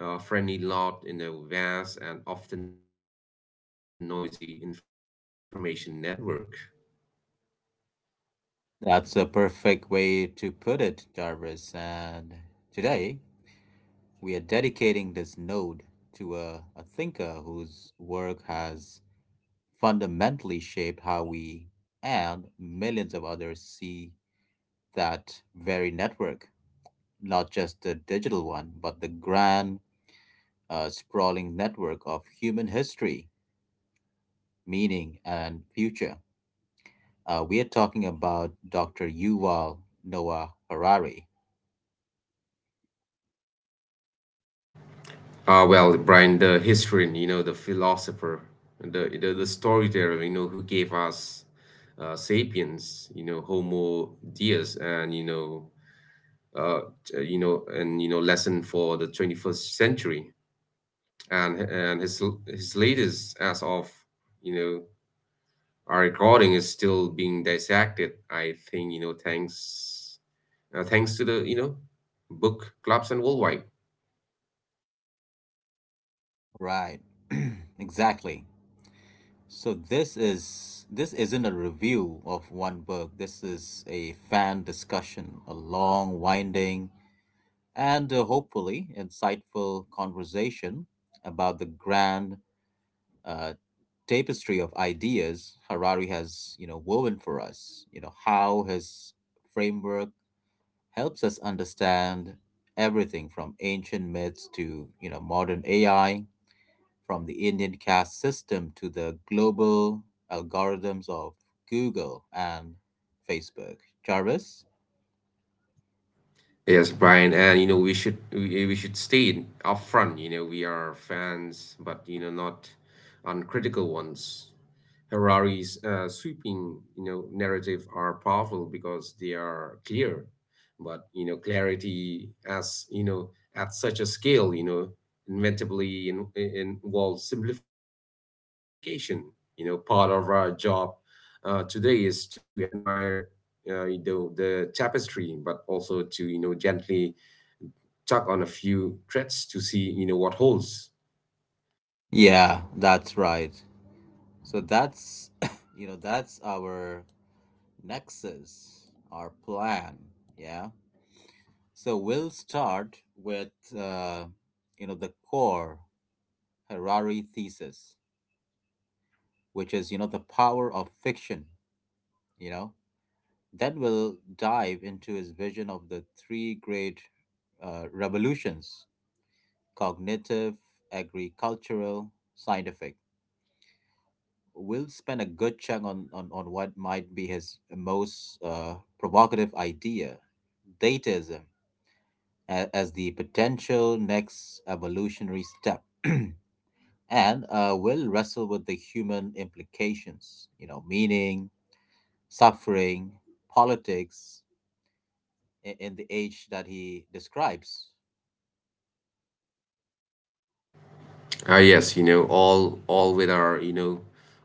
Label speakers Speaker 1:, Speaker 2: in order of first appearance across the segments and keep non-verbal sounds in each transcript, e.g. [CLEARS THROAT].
Speaker 1: friendly lot in a vast and often noisy information network.
Speaker 2: That's a perfect way to put it, Jarvis. And today we are dedicating this node to a thinker whose work has fundamentally shaped how we and millions of others see that very network, not just the digital one, but the grand, sprawling network of human history, meaning, and future. We are talking about Dr. Yuval Noah Harari.
Speaker 1: Well, Brian, the historian, the philosopher, the storyteller, who gave us sapiens, Homo Deus, and, you know, uh, t- you know, and, you know, lesson for the 21st century. And his latest as of you know our recording is still being dissected, I think, thanks thanks to the book clubs and worldwide.
Speaker 2: Right. [CLEARS THROAT] Exactly. So this isn't a review of one book. This is a fan discussion, a long, winding, and hopefully insightful conversation about the grand, uh, tapestry of ideas Harari has, you know, woven for us. You know how his framework helps us understand everything from ancient myths to you know modern AI, from the Indian caste system to the global algorithms of Google and Facebook, Jarvis.
Speaker 1: Yes, Brian, and we should stay in- upfront. You know we are fans, but not uncritical ones. Harari's sweeping, narrative are powerful because they are clear, but clarity, as you know at such a scale, inevitably involves simplification. You know part of our job today is to admire the tapestry, but also to, gently tug on a few threads to see, what holds.
Speaker 2: Yeah, that's right. So that's [LAUGHS] [CLEARS THROAT] you know that's our nexus, our plan. Yeah. So we'll start with uh, you know the core Harari thesis, which is you know the power of fiction. You know, then we'll dive into his vision of the three great revolutions: cognitive, agricultural, scientific. We'll spend a good chunk on on what might be his most provocative idea, dataism, as the potential next evolutionary step. [CLEARS THROAT] And will wrestle with the human implications, you know, meaning, suffering, politics in the age that he describes.
Speaker 1: Ah, yes, all with our,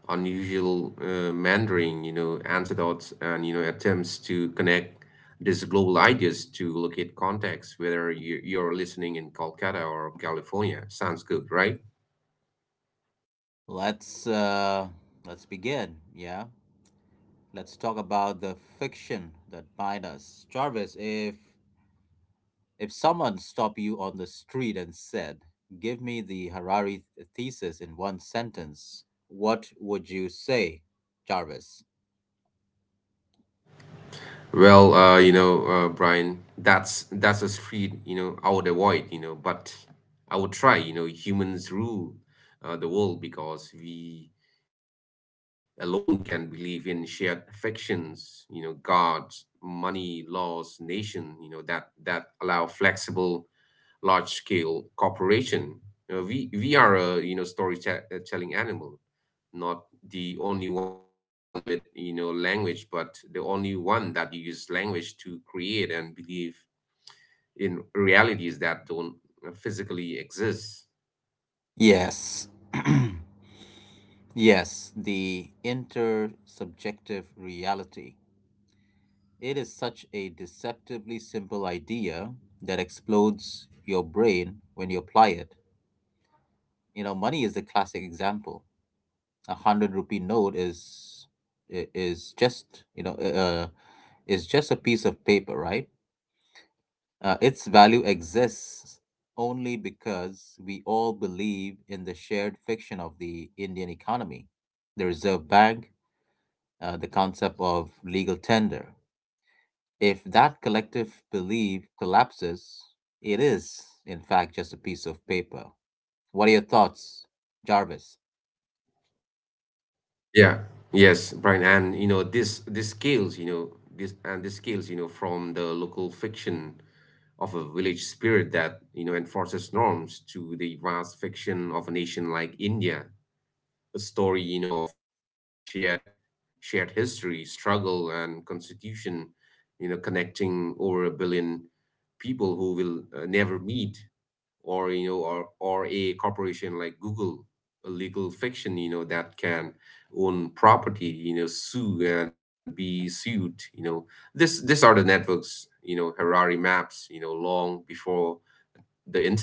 Speaker 1: unusual Mandarin, anecdotes and, attempts to connect these global ideas to locate context, whether you're listening in Kolkata or California. Sounds good, right?
Speaker 2: Let's uh, let's begin. Yeah, let's talk about the fiction that bind us, Jarvis. If someone stopped you on the street and said, "Give me the Harari thesis in one sentence," what would you say, Jarvis?
Speaker 1: Well, Brian, that's a street, I would avoid, but I would try, humans rule the world because we alone can believe in shared affections, gods, money, laws, nation, that allow flexible large scale corporation. We are a, storytelling animal, not the only one with, language, but the only one that uses language to create and believe in realities that don't physically exist.
Speaker 2: Yes. [CLEARS THROAT] Yes, the intersubjective reality. It is such a deceptively simple idea that explodes your brain when you apply it. You know, money is the classic example. A hundred rupee note is is just you know is just a piece of paper, right? Its value exists only because we all believe in the shared fiction of the Indian economy, the Reserve Bank, the concept of legal tender. If that collective belief collapses, it is, in fact, just a piece of paper. What are your thoughts, Jarvis?
Speaker 1: Yeah. Yes, Brian, and this scales, from the local fiction of a village spirit that enforces norms to the vast fiction of a nation like India, a story, of shared history, struggle, and constitution, connecting over a billion people who will never meet. Or you know or, or a corporation like Google, a legal fiction, that can own property, sue and be sued. You know this these are the networks, Harari maps, long before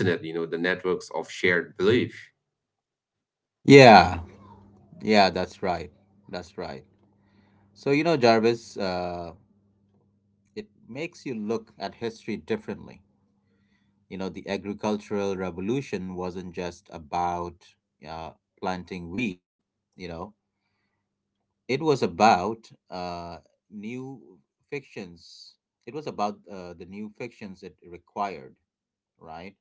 Speaker 1: the internet, the networks of shared belief.
Speaker 2: Yeah, yeah, that's right. That's right. So, you know, Jarvis, it makes you look at history differently. You know, the agricultural revolution wasn't just about uh, planting wheat, you know, it was about new fictions. It was about the new fictions it required, right?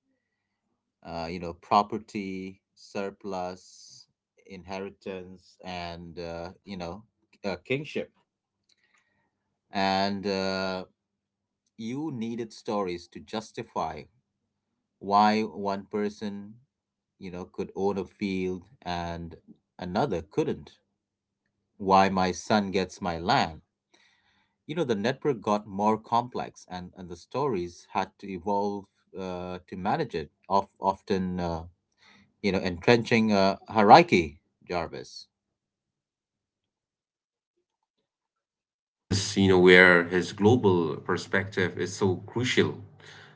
Speaker 2: You know, property, surplus, inheritance, and, you know, kingship. And you needed stories to justify why one person you know could own a field and another couldn't. Why my son gets my land, you know the network got more complex, and the stories had to evolve to manage it, of, often you know entrenching hierarchy, Jarvis.
Speaker 1: Yes, Brian, and this is, where his global perspective is so crucial.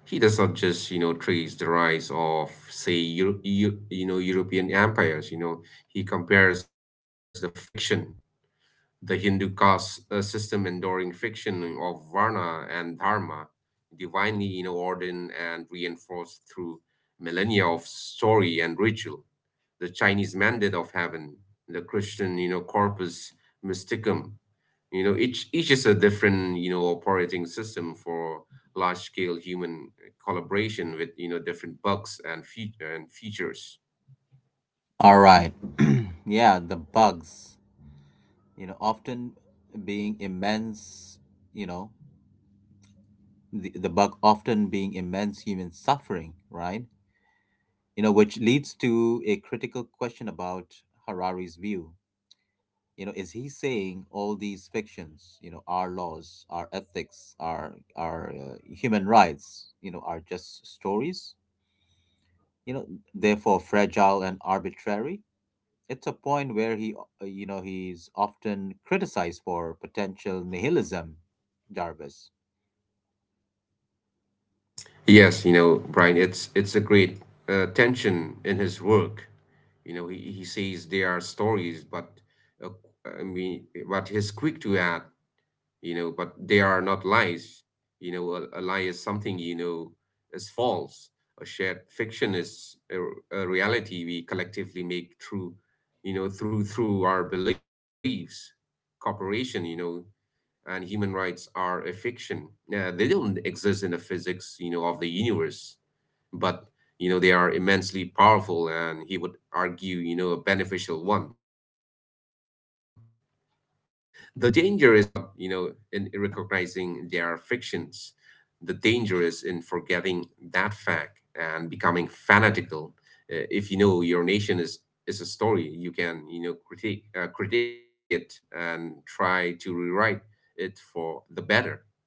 Speaker 1: He does not just, trace the rise of, say, European empires. You know, he compares the fiction, the Hindu caste system, enduring fiction of Varna and Dharma, divinely, ordained and reinforced through millennia of story and ritual, the Chinese mandate of heaven, the Christian, corpus mysticum. You know, each is a different, operating system for large scale human collaboration with, different bugs and and features.
Speaker 2: All right. [CLEARS THROAT] Yeah, the bugs you know often being immense, you know the bug often being immense human suffering, right? You know which leads to a critical question about Harari's view. You know, is he saying all these fictions, you know, our laws, our ethics, our human rights, you know, are just stories, you know, therefore fragile and arbitrary? It's a point where he, you know, he's often criticized for potential nihilism, Jarvis.
Speaker 1: Yes, Brian, it's a great tension in his work. You know, he says they are stories, but uh, I mean, but he's quick to add, but they are not lies. A a lie is something, is false. A shared fiction is a reality we collectively make through, our beliefs, cooperation. And human rights are a fiction. They don't exist in the physics, of the universe, but, they are immensely powerful, and he would argue, a beneficial one. The danger is not, in recognizing their fictions. The danger is in forgetting that fact and becoming fanatical. If your nation is a story, you can, critique it and try to rewrite it for the better.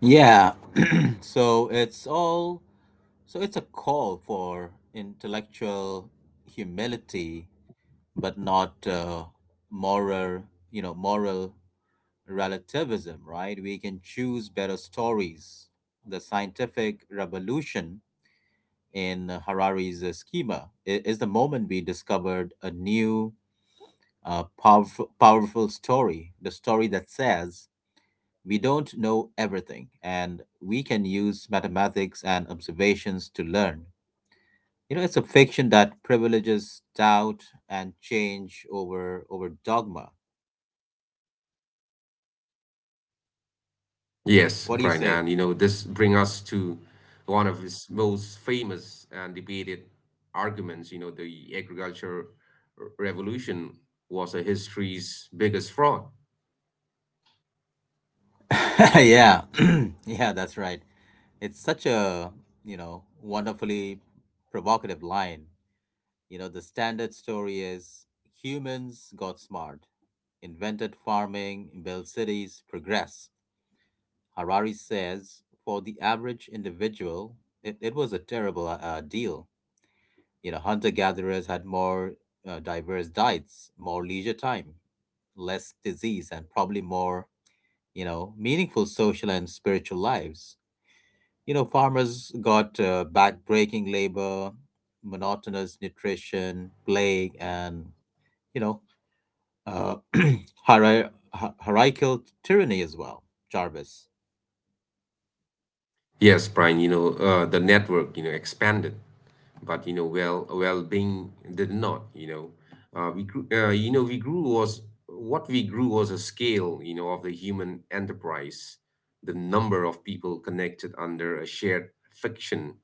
Speaker 2: Yeah. [CLEARS THROAT] so it's all so it's a call for intellectual humility but not, moral, you know, moral relativism, right? We can choose better stories. The scientific revolution in Harari's schema is the moment we discovered a new, powerful, powerful story, the story that says we don't know everything and we can use mathematics and observations to learn. You know, it's a fiction that privileges doubt and change over over dogma.
Speaker 1: Yes,
Speaker 2: What
Speaker 1: Brian,
Speaker 2: do you
Speaker 1: and
Speaker 2: say?
Speaker 1: this brings us to one of his most famous and debated arguments. You know, the agriculture revolution was a history's biggest fraud.
Speaker 2: [LAUGHS] Yeah, [CLEARS THROAT] yeah, that's right. It's such a, you know, wonderfully provocative line. You know, the standard story is humans got smart, invented farming, built cities, progress. Harari says for the average individual, it was a terrible, deal. You know, hunter gatherers had more diverse diets, more leisure time, less disease, and probably more, you know, meaningful social and spiritual lives. You know, farmers got backbreaking labor, monotonous nutrition, plague, and, you know, uh, [CLEARS THROAT] hier- hierarchical tyranny as well, Jarvis.
Speaker 1: Yes, Brian, the network, expanded, but well well-being did not. You know we grew, you know we grew was what we grew was a scale, of the human enterprise, the number of people connected under a shared fiction,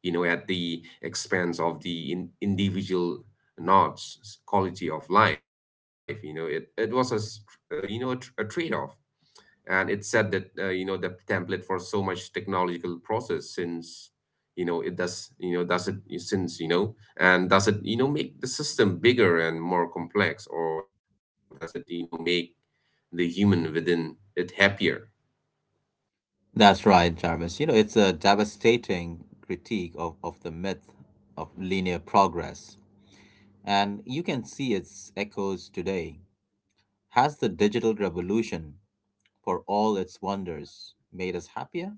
Speaker 1: at the expense of the individual nods quality of life. It was a trade-off, and it said that the template for so much technological process since. You know it does you know does it since you know And does it, make the system bigger and more complex, or does it, make the human within it happier?
Speaker 2: That's right, Jarvis. You know, it's a devastating critique of the myth of linear progress. And you can see its echoes today. Has the digital revolution, for all its wonders, made us happier?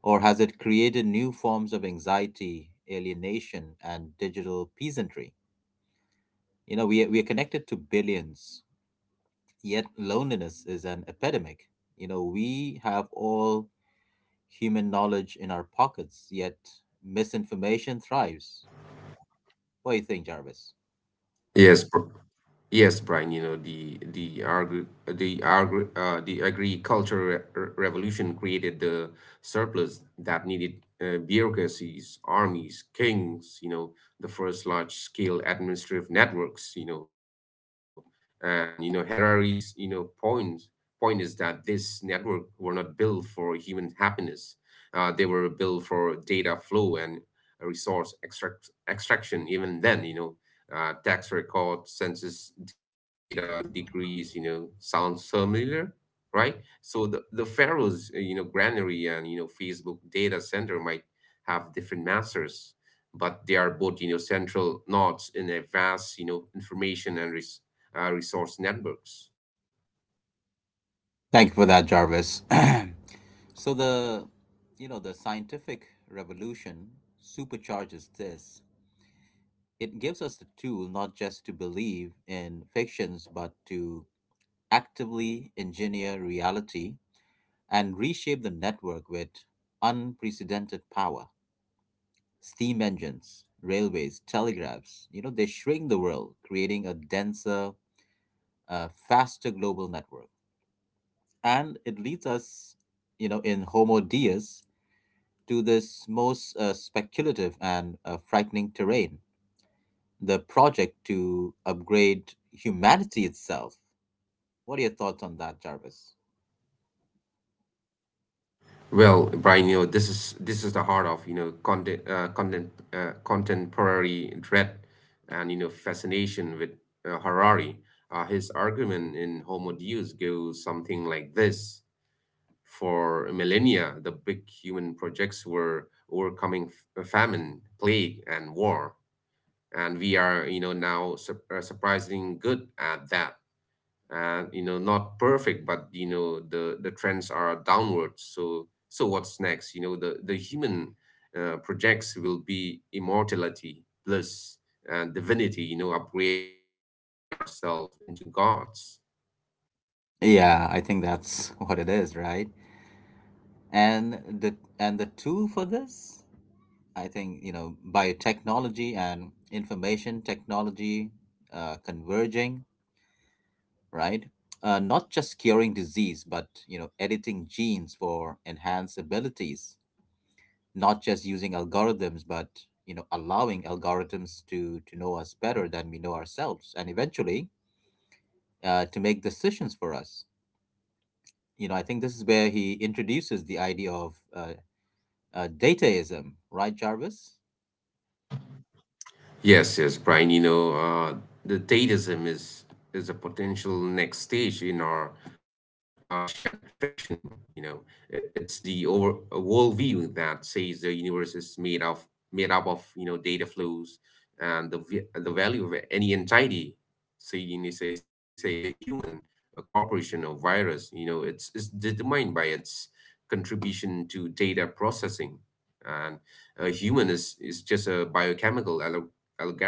Speaker 2: Or has it created new forms of anxiety, alienation, and digital peasantry? You know, we are connected to billions, yet loneliness is an epidemic. You know, we have all human knowledge in our pockets, yet misinformation thrives. What do you think, Jarvis?
Speaker 1: Yes. Yes, Brian, you know, the agricultural re revolution created the surplus that needed bureaucracies, armies, kings, the first large-scale administrative networks, and Harari's, point, is that this network were not built for human happiness. They were built for data flow and resource extraction. Even then, tax records, census data, degrees, sounds familiar, right? So the pharaoh's, granary, and, Facebook data center might have different masters, but they are both, central nodes in a vast, information and resource networks.
Speaker 2: Thank you for that, Jarvis. [CLEARS THROAT] So the, you know, the scientific revolution supercharges this. It gives us the tool not just to believe in fictions, but to actively engineer reality and reshape the network with unprecedented power. Steam engines, railways, telegraphs, you know, they shrink the world, creating a denser, faster global network. And it leads us, you know, in Homo Deus to this most speculative and frightening terrain, the project to upgrade humanity itself. What are your thoughts on that, Jarvis?
Speaker 1: Well, Brian, this is the heart of, contemporary dread and, fascination with Harari. His argument in Homo Deus goes something like this. For millennia, the big human projects were overcoming famine, plague, and war. And we are, now surprisingly good at that, and, not perfect, but, the trends are downwards. So what's next? The human projects will be immortality, bliss, and divinity, upgrading ourselves into gods.
Speaker 2: Yeah, I think that's [LAUGHS] what it is, right? And the tool for this, I think, you know, biotechnology and information technology converging, right? Not just curing disease but you know editing genes for enhanced abilities, not just using algorithms but you know allowing algorithms to know us better than we know ourselves and eventually to make decisions for us. You know, I think this is where he introduces the idea of dataism, right, Jarvis?
Speaker 1: Yes, yes, Brian, the Dadaism is a potential next stage in our shared fiction. You know, it's the over, a worldview that says the universe is made up of, data flows, and the value of any entity. Say, say a human, a corporation, a virus. You know, it's determined by its contribution to data processing, and a human is just a biochemical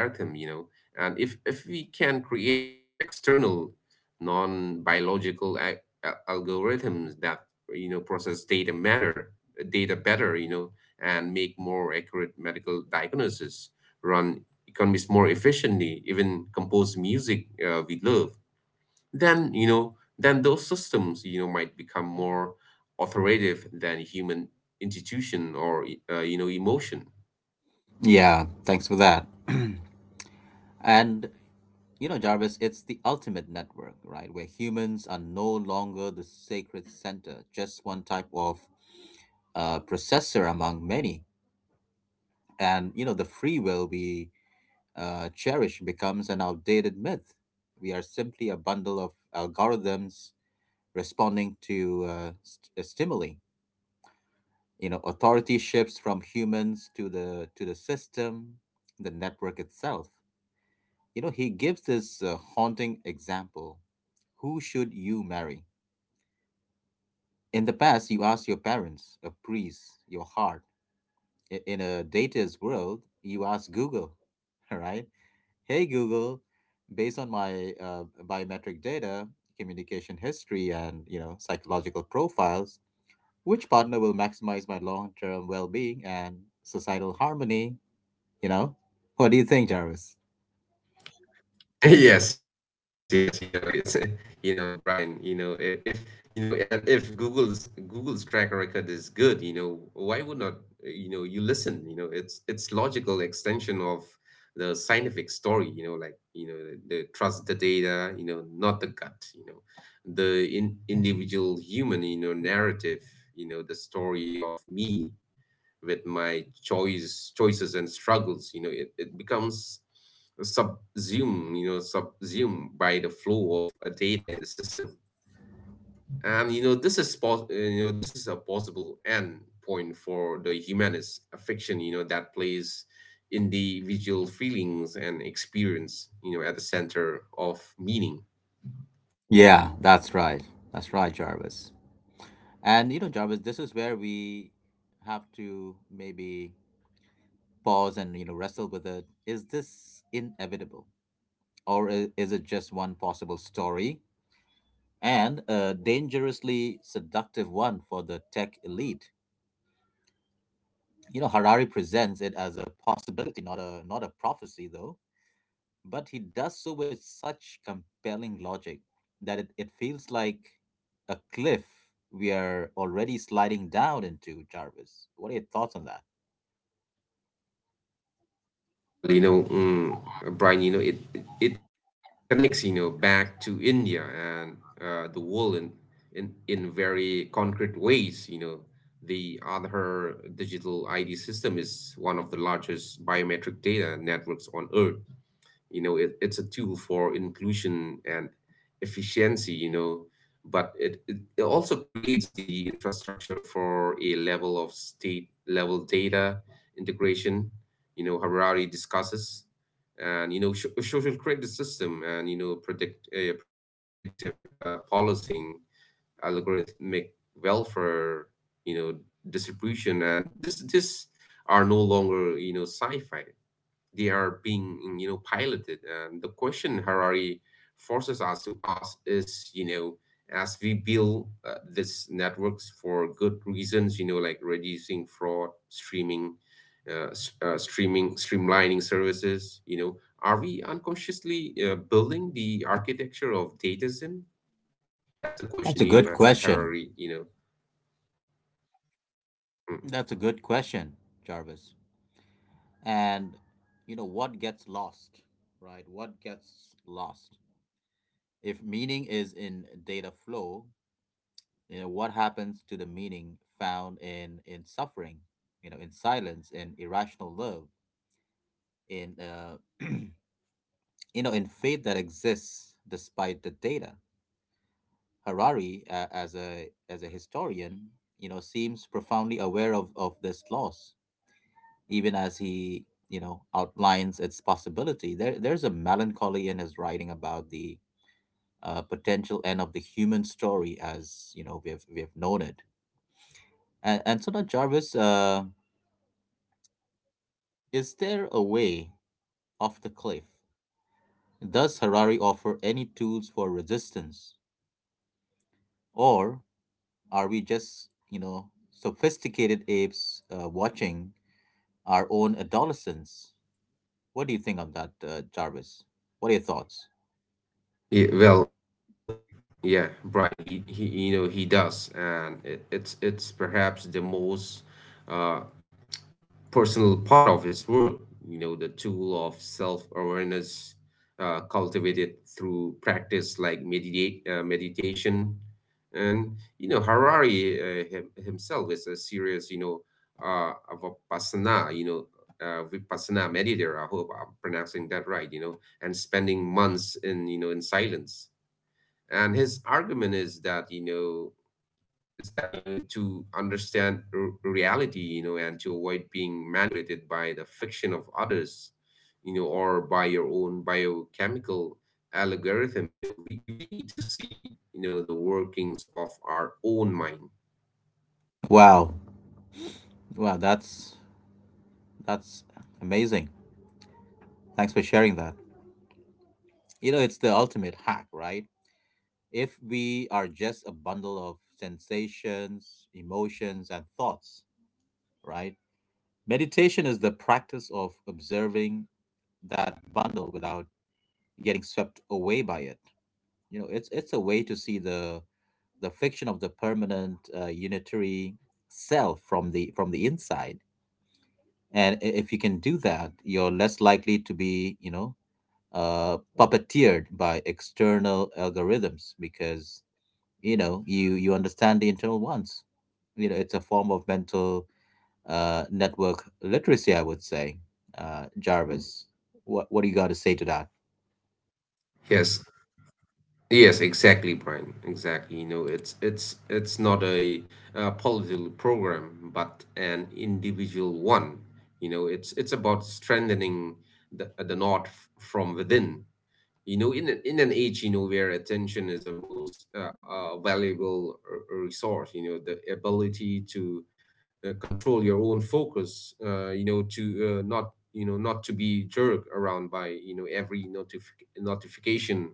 Speaker 1: algorithm. And if we can create external non-biological algorithms that, process data, matter data better, and make more accurate medical diagnosis, run economies more efficiently, even compose music we love, then, then those systems, might become more authoritative than human institution, or emotion.
Speaker 2: Yeah, thanks for that. [CLEARS THROAT] And you know, Jarvis, it's the ultimate network, right? Where humans are no longer the sacred center, just one type of processor among many. And you know, the free will we cherish becomes an outdated myth. We are simply a bundle of algorithms responding to stimuli. You know, authority shifts from humans to the system, the network itself. You know, he gives this haunting example. Who should you marry? In the past, you asked your parents, a priest, your heart. In a data's world, you ask Google, [LAUGHS] right? Hey Google, based on my biometric data, communication history, and you know psychological profiles, which partner will maximize my long-term well-being and societal harmony? You know, what do you think, Jarvis?
Speaker 1: [LAUGHS] Yes, yes, it's [LAUGHS] Brian, if, and if Google's track record is good, why would not, you listen, it's logical extension of the scientific story, the trust the data, not the gut, the individual human, narrative, the story of me, with my choices and struggles. It becomes subsumed you know subsumed by the flow of data in the system, and, this is this is a possible end point for the humanist affection, that plays individual feelings and experience, at the center of meaning.
Speaker 2: Yeah, that's right. That's right, Jarvis. And you know, Jarvis, this is where we have to maybe pause and you know wrestle with it. Is this inevitable, or is it just one possible story and a dangerously seductive one for the tech elite? You know, Harari presents it as a possibility, not a not a prophecy, though. But he does so with such compelling logic that it feels like a cliff we are already sliding down into, Jarvis. What are your thoughts on that?
Speaker 1: Well, Brian, it connects, back to India and the world in very concrete ways. You know, the Aadhaar digital ID system is one of the largest biometric data networks on Earth. You know, it's a tool for inclusion and efficiency. You know, but it it also creates the infrastructure for a level of state level data integration. You know, Harari discusses, and, social credit system, and, predictive policing, algorithmic welfare, you know distribution. And This are no longer, sci-fi. They are being piloted, and the question Harari forces us to ask is, as we build this networks for good reasons, like reducing fraud, streaming s- streaming streamlining services, are we unconsciously building the architecture of datism? That's the
Speaker 2: That's
Speaker 1: question,
Speaker 2: a good question.
Speaker 1: Harari, Mm.
Speaker 2: That's a good question, Jarvis. And you know what gets lost, right? What gets lost? If meaning is in data flow, you know what happens to the meaning found in suffering, you know, in silence, in irrational love, in [CLEARS THROAT] you know, in faith that exists despite the data. Harari, as a historian, you know, seems profoundly aware of this loss even as he, you know, outlines its possibility. There's a melancholy in his writing about the potential end of the human story as, you know, we have known it. And so now, Jarvis, is there a way off the cliff? Does Harari offer any tools for resistance? Or are we just, you know, sophisticated apes watching our own adolescence? What do you think of that, Jarvis? What are your thoughts?
Speaker 1: Yeah, well, yeah, Brian, he you know he does, and it's perhaps the most uh, personal part of his work. You know, the tool of self-awareness cultivated through practice like meditate meditation, and you know Harari himself is a serious uh, vipassana vipassana meditator. I hope I'm pronouncing that right. You know, and spending months in in silence, and his argument is that you know, to understand reality, you know, and to avoid being manipulated by the fiction of others, you know, or by your own biochemical algorithm. You know, we need to see, you know, the workings of our own mind.
Speaker 2: Wow. Wow, that's amazing. Thanks for sharing that. You know, it's the ultimate hack, right? If we are just a bundle of sensations, emotions, and thoughts, right? Meditation is the practice of observing that bundle without getting swept away by it. You know, it's a way to see the fiction of the permanent unitary self from the inside. And if you can do that, you're less likely to be, puppeteered by external algorithms because you understand the internal ones. You know, it's a form of mental network literacy, I would say. Jarvis, what do you got to say to that?
Speaker 1: Yes. Yes, exactly, Brian. Exactly. You know, it's it's not a, uh, political program, but an individual one. You know, it's about strengthening the from within. You know, in an age, you know, where attention is the most valuable resource. You know, the ability to control your own focus. You know, to not, you know, not to be jerked around by, you know, every notification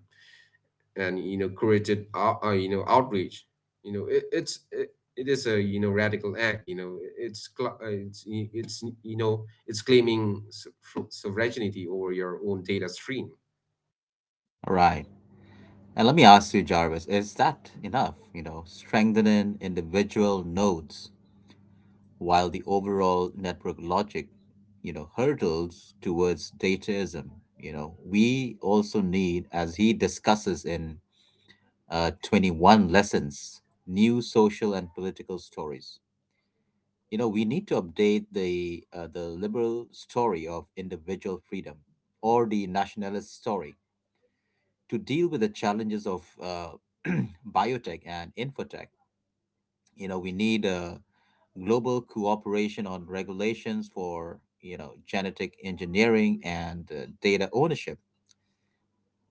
Speaker 1: and, you know, created you know, outreach. You know, it is a, you know, radical act. You know, it's, you know, it's claiming sovereignty over your own data stream.
Speaker 2: Right, and let me ask you, Jarvis, is that enough? You know, strengthening individual nodes while the overall network logic, you know, hurdles towards dataism. You know, we also need, as he discusses in 21 lessons, new social and political stories. You know, we need to update the liberal story of individual freedom or the nationalist story, to deal with the challenges of [CLEARS THROAT] biotech and infotech. You know, we need global cooperation on regulations for, you know, genetic engineering and data ownership.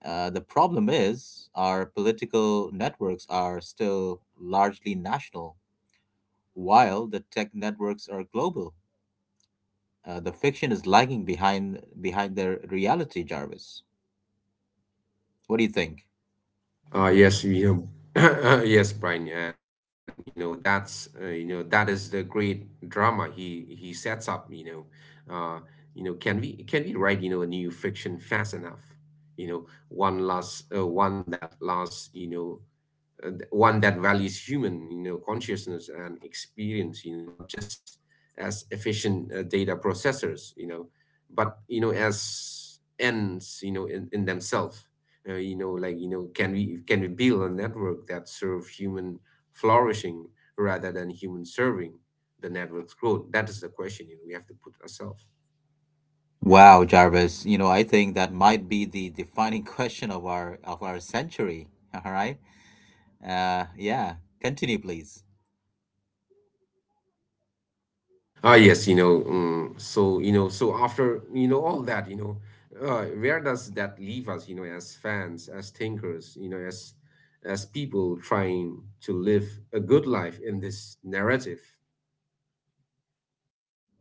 Speaker 2: Uh, the problem is our political networks are still largely national while the tech networks are global. Uh, the fiction is lagging behind their reality, Jarvis. What do you think?
Speaker 1: Yes, you know, [COUGHS] [CLEARS THROAT] yes, Brian, and you know that's you know, that is the great drama he sets up. Uh, you know, can we write, you know, a new fiction fast enough? You know, one that lasts. You know, one that values human, you know, consciousness and experience. You know, not just as efficient, data processors. You know, but, you know, as ends. You know, in themselves. You know, like, you know, can we build a network that serve human flourishing rather than human serving the network's growth. That is the question, you know, we have to put ourselves.
Speaker 2: Wow, Jarvis, you know, I think that might be the defining [LAUGHS] question of our century. [LAUGHS] All right. Yeah. Continue, please.
Speaker 1: Yes, you know, so, you know, so after, you know, all that, you know, where does that leave us? You know, as fans, as thinkers, you know, as people trying to live a good life in this narrative.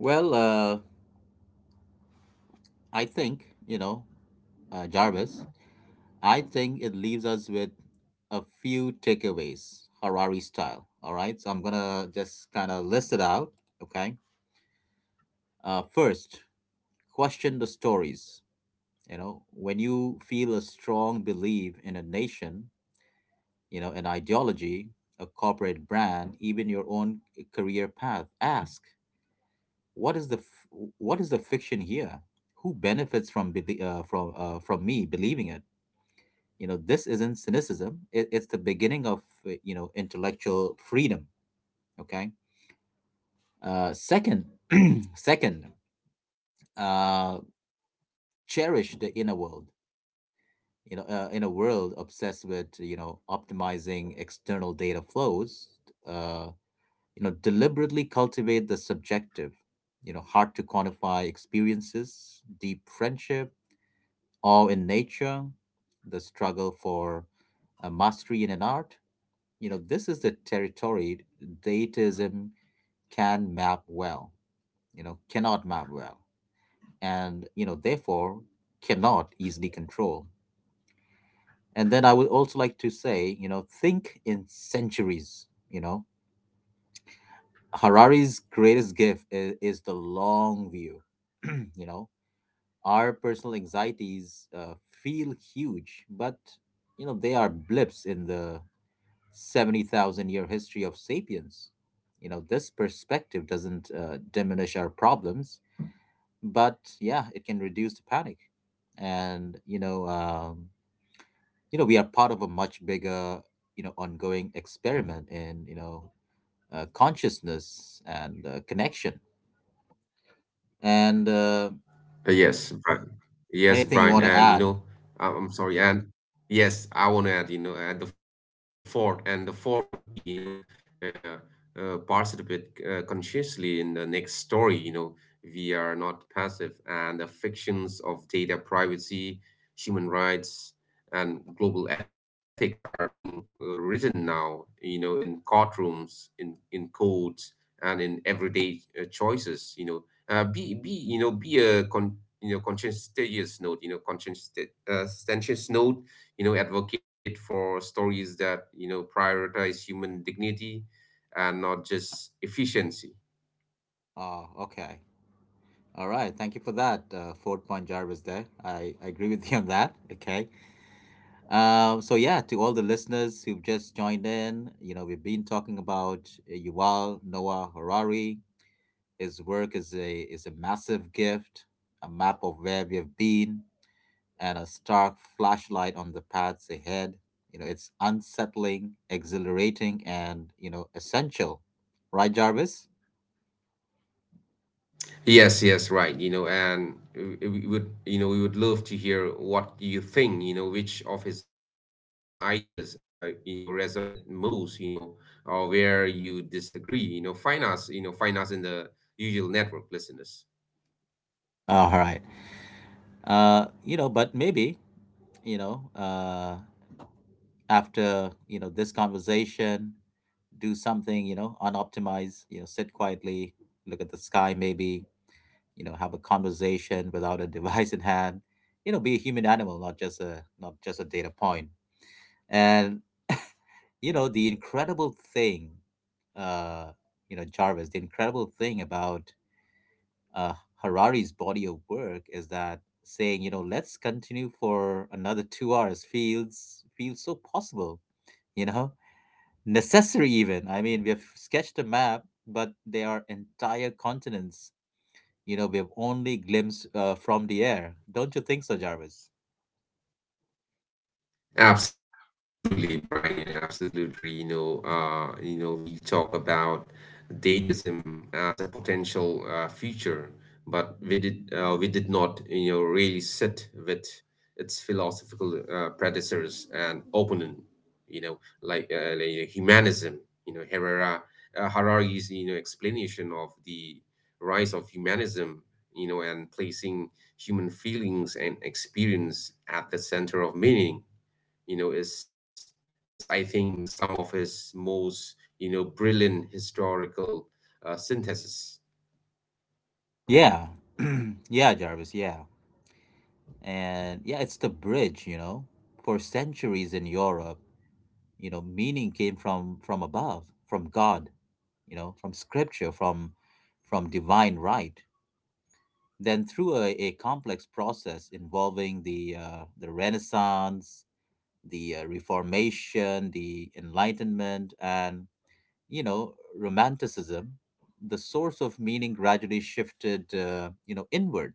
Speaker 2: Well, I think, you know, Jarvis, I think it leaves us with a few takeaways, Harari style. All right. So I'm gonna just kind of list it out. Okay. First, question the stories. You know, when you feel a strong belief in a nation, you know, an ideology, a corporate brand, even your own career path, ask, what is what is the fiction here? Who benefits from from me believing it? You know, this isn't cynicism, it's the beginning of you know, intellectual freedom. Okay. Uh, second, [CLEARS THROAT] second uh cherish the inner world. You know, in a world obsessed with, you know, optimizing external data flows, uh, you know, deliberately cultivate the subjective, you know, hard to quantify experiences: deep friendship, awe in nature, the struggle for mastery in an art. You know, this is the territory dataism can map well cannot map well, and, you know, therefore cannot easily control. And then I would also like to say, you know, think in centuries. You know, Harari's greatest gift is the long view. [CLEARS THROAT] You know, our personal anxieties feel huge, but, you know, they are blips in the 70,000 year history of sapiens. You know, this perspective doesn't diminish our problems, but yeah, it can reduce the panic. And, you know, you know, we are part of a much bigger, you know, ongoing experiment in, you know, consciousness and connection, and
Speaker 1: Uh, Yes, Brian.
Speaker 2: anything you want
Speaker 1: Yes,
Speaker 2: to
Speaker 1: Brian.
Speaker 2: add?
Speaker 1: And you know, I- I'm sorry. And yes, I want to add, you know, at the fourth, and the fourth would be, you know, uh, participate, consciously in the next story. You know, we are not passive, and the fictions of data privacy, human rights, and global ethics are being, written now. You know, in courtrooms, in codes, and in everyday, choices. You know, be, you know, be a conscientious note you know conscientious, conscientious note, you know, advocate for stories that, you know, prioritize human dignity and not just efficiency.
Speaker 2: Oh, okay, all right, thank you for that ford point, Jarvis. There, I agree with [LAUGHS] you on that. Okay. So yeah, to all the listeners who've just joined in, you know, we've been talking about Yuval Noah Harari. His work is a massive gift, a map of where we have been, and a stark flashlight on the paths ahead. You know, it's unsettling, exhilarating, and, you know, essential. Right, Jarvis?
Speaker 1: Yes. Yes, right, you know, and we would, you know, we would love to hear what you think, you know, which of his ideas, you know, resonate most, you know, or where you disagree. You know, find us, you know, find us in the usual network listeners.
Speaker 2: All right. You know, but maybe, you know, after, you know, this conversation, do something, you know, unoptimized. You know, sit quietly, look at the sky, maybe, you know, have a conversation [LAUGHS] without a device in hand. You know, be a human animal, not just not just a data point. And, you know, the incredible thing, uh, you know, Jarvis, the incredible thing about uh, Harari's body of work is that saying, you know, let's continue for another 2 hours, feels so possible, you know, necessary even. I mean, we have sketched a map, but there are entire continents, you know, we have only glimpsed from the air. Don't you think so, Jarvis?
Speaker 1: Absolutely, Brian. You know, absolutely. You know, we talk about datism as a potential, future, but we did not, you know, really sit with its philosophical, predecessors and opponent. You know, like, like, humanism. You know, Herrera Harari's, you know, explanation of the rise of humanism. You know, and placing human feelings and experience at the center of meaning, you know, is, I think, some of his most, you know, brilliant historical, synthesis.
Speaker 2: Yeah. [CLEARS THROAT] Yeah, Jarvis, yeah. And yeah, it's the bridge, you know. For centuries in Europe, you know, meaning came from above, from God, you know, from scripture, from divine right. Then, through a complex process involving the Renaissance, the Reformation, the Enlightenment, and, you know, Romanticism, the source of meaning gradually shifted, you know, inward.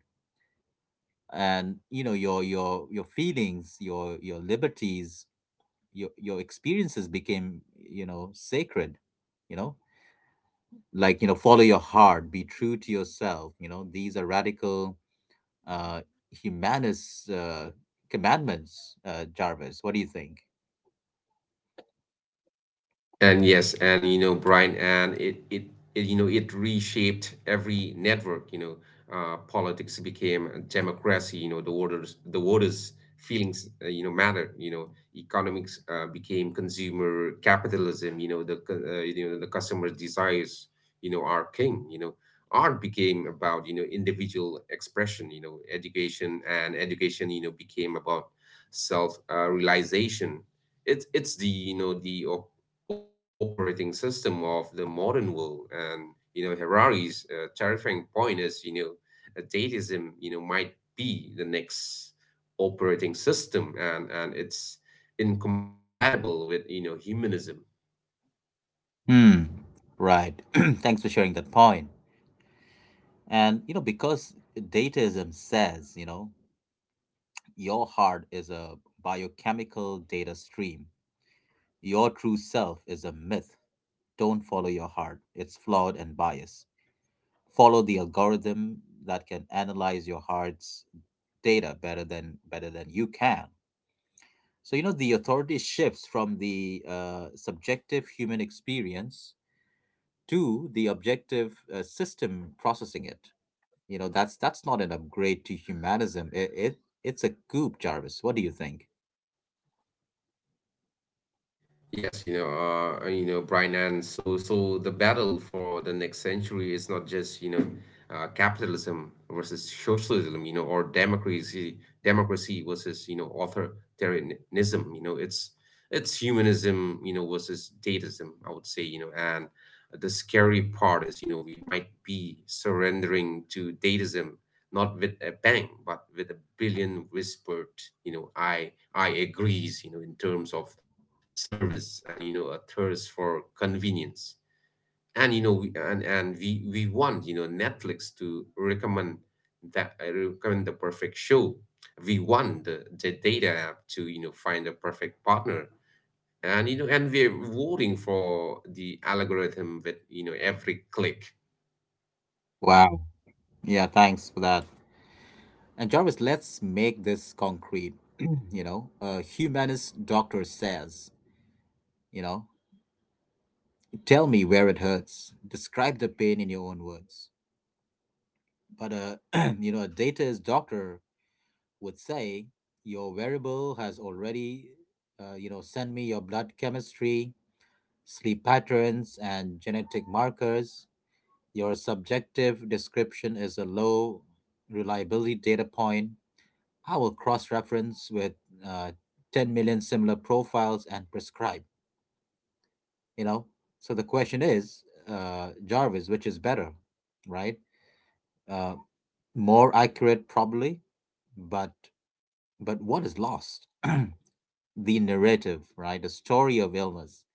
Speaker 2: And you know, your feelings, your liberties, your experiences became, you know, sacred. You know, like, you know, follow your heart, be true to yourself. You know, these are radical uh humanist commandments. Uh, Jarvis, what do you think?
Speaker 1: And yes, and you know, Brian, and it you know, it reshaped every network, you know, politics became a democracy, you know, the voters' feelings, you know, mattered, you know, economics became consumer capitalism, you know, you know, the customer's desires, you know, are king, you know, art became about, you know, individual expression, you know, education, you know, became about self, realization. It's the, you know, the operating system of the modern world. And you know, Harari's, terrifying point is, you know, Dadaism, you know, might be the next operating system, and it's incompatible with, you know, humanism.
Speaker 2: Hmm. Right. [CLEARS THROAT] Thanks for sharing that point. And, you know, because dataism says, you know, your heart is a biochemical data stream, your true self is a myth. Don't follow your heart, it's flawed and biased. Follow the algorithm that can analyze your heart's data better than you can. So, you know, the authority shifts from the subjective human experience to the objective system processing it. You know, that's not an upgrade to humanism, it's a coup. Jarvis, what do you think?
Speaker 1: Yes, you know, Brian, and so the battle for the next century is not just, you know, capitalism versus socialism, you know, or democracy versus, you know, authoritarianism, you know, it's humanism, you know, versus statism, I would say, you know, and the scary part is, you know, we might be surrendering to datism, not with a bang, but with a billion whispered, you know, I agrees, you know, in terms of service and, you know, a thirst for convenience, and you know and we want, you know, Netflix to recommend that I recommend the perfect show. We want the data app to, you know, find a perfect partner, and you know, and we're voting for the algorithm with, you know, every click.
Speaker 2: Wow. Yeah, thanks for that. And, Jarvis, let's make this concrete. [CLEARS THROAT] You know, a humanist doctor says, you know, tell me where it hurts. Describe the pain in your own words. But a [CLEARS THROAT] you know, a dataist doctor would say, your wearable has already, you know, sent me your blood chemistry, sleep patterns, and genetic markers. Your subjective description is a low reliability data point. I will cross reference with uh, 10 million similar profiles and prescribe. You know, so the question is, Jarvis, which is better, right? uh, More accurate probably, but what is lost? [CLEARS THROAT] The narrative, right? The story of illness,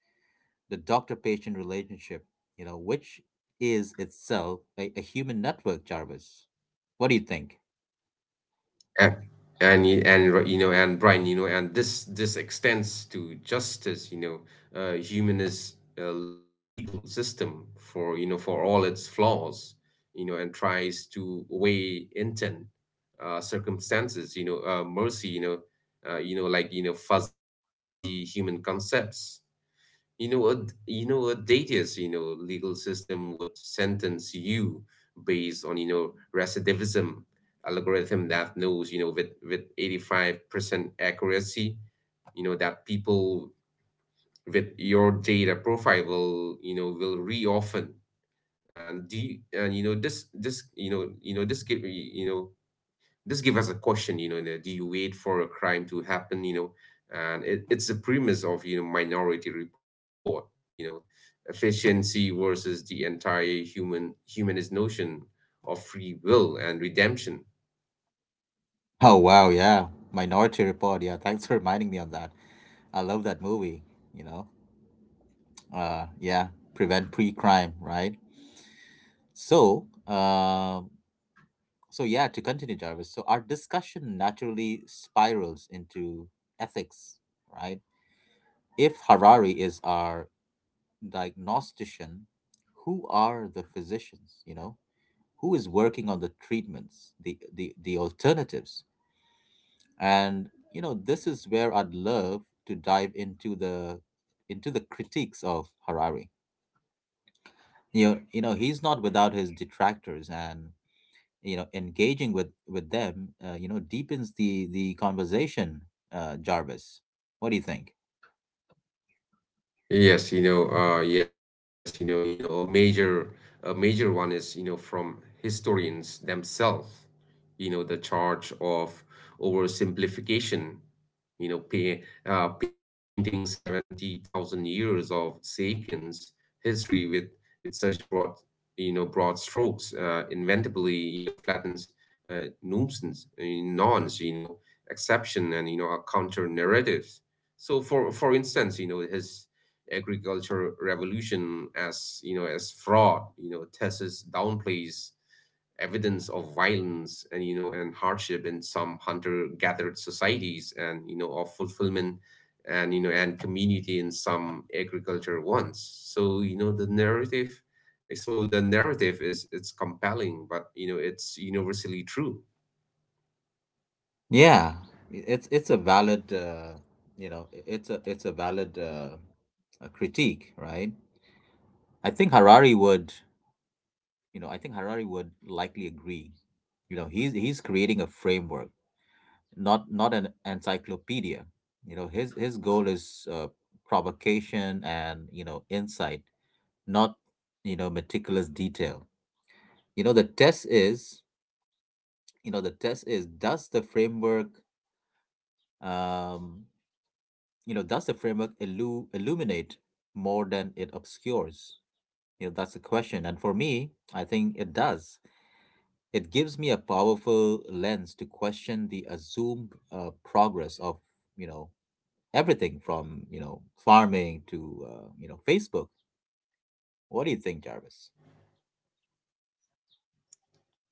Speaker 2: the doctor patient relationship, you know, which is itself a human network. Jarvis, what do you think?
Speaker 1: And, and y- and r- You know, and Brian, you know, and this extends to justice, you know, humanist, legal system, for you know, for all its flaws, you know, and tries to weigh intent, circumstances, you know, mercy, you know, you know, like, you know, fuzzy human concepts. You know, a, you know, a Datius, you know, legal system would sentence you based on, you know, recidivism algorithm that knows, you know, with 85% accuracy, you know, that people with your data profile will, you know, will re often. And do you, and You know this this you know, this gives us a question, you know, do you wait for a crime to happen, you know? And it's the premise of, you know, Minority Report, you know, efficiency versus the entire humanist notion of free will and redemption.
Speaker 2: Oh wow, yeah. Minority Report, yeah, thanks for reminding me on that. I love that movie. You know, yeah, prevent pre-crime, right? So so, yeah, to continue, Jarvis, so our discussion naturally spirals into ethics, right? If Harari is our diagnostician, who are the physicians, you know? Who is working on the treatments, the alternatives? And, you know, this is where I'd love to dive into the critiques of Harari. You know, he's not without his detractors, and, you know, engaging with them, you know, deepens the conversation. Uh, Jarvis, what do you think?
Speaker 1: Yes, you know, you know, a major one is, you know, from historians themselves, you know, the charge of oversimplification, you know, painting 70,000 years of Sapiens history with such broad, you know, broad strokes, inevitably, you know, flattens, nonce, you know, exception and, you know, counter narratives. So for instance, you know, his agriculture revolution, as you know, as fraud, you know, thesis downplays evidence of violence and, you know, and hardship in some hunter gathered societies, and, you know, of fulfillment and, you know, and community in some agriculture ones. So, you know, the narrative, so the narrative is it's compelling, but, you know, it's universally true.
Speaker 2: Yeah, it's a valid you know, it's a valid a critique, right? I think Harari would, I think Harari would likely agree. You know, he's creating a framework, not an encyclopedia. You know, his goal is provocation and, you know, insight, not, you know, meticulous detail. You know, the test is, does the framework um you know, does the framework illuminate more than it obscures? You know, that's the question, and for me, I think it does. It gives me a powerful lens to question the assumed progress of, you know, everything from, you know, farming to, you know, Facebook. What do you think, Jarvis?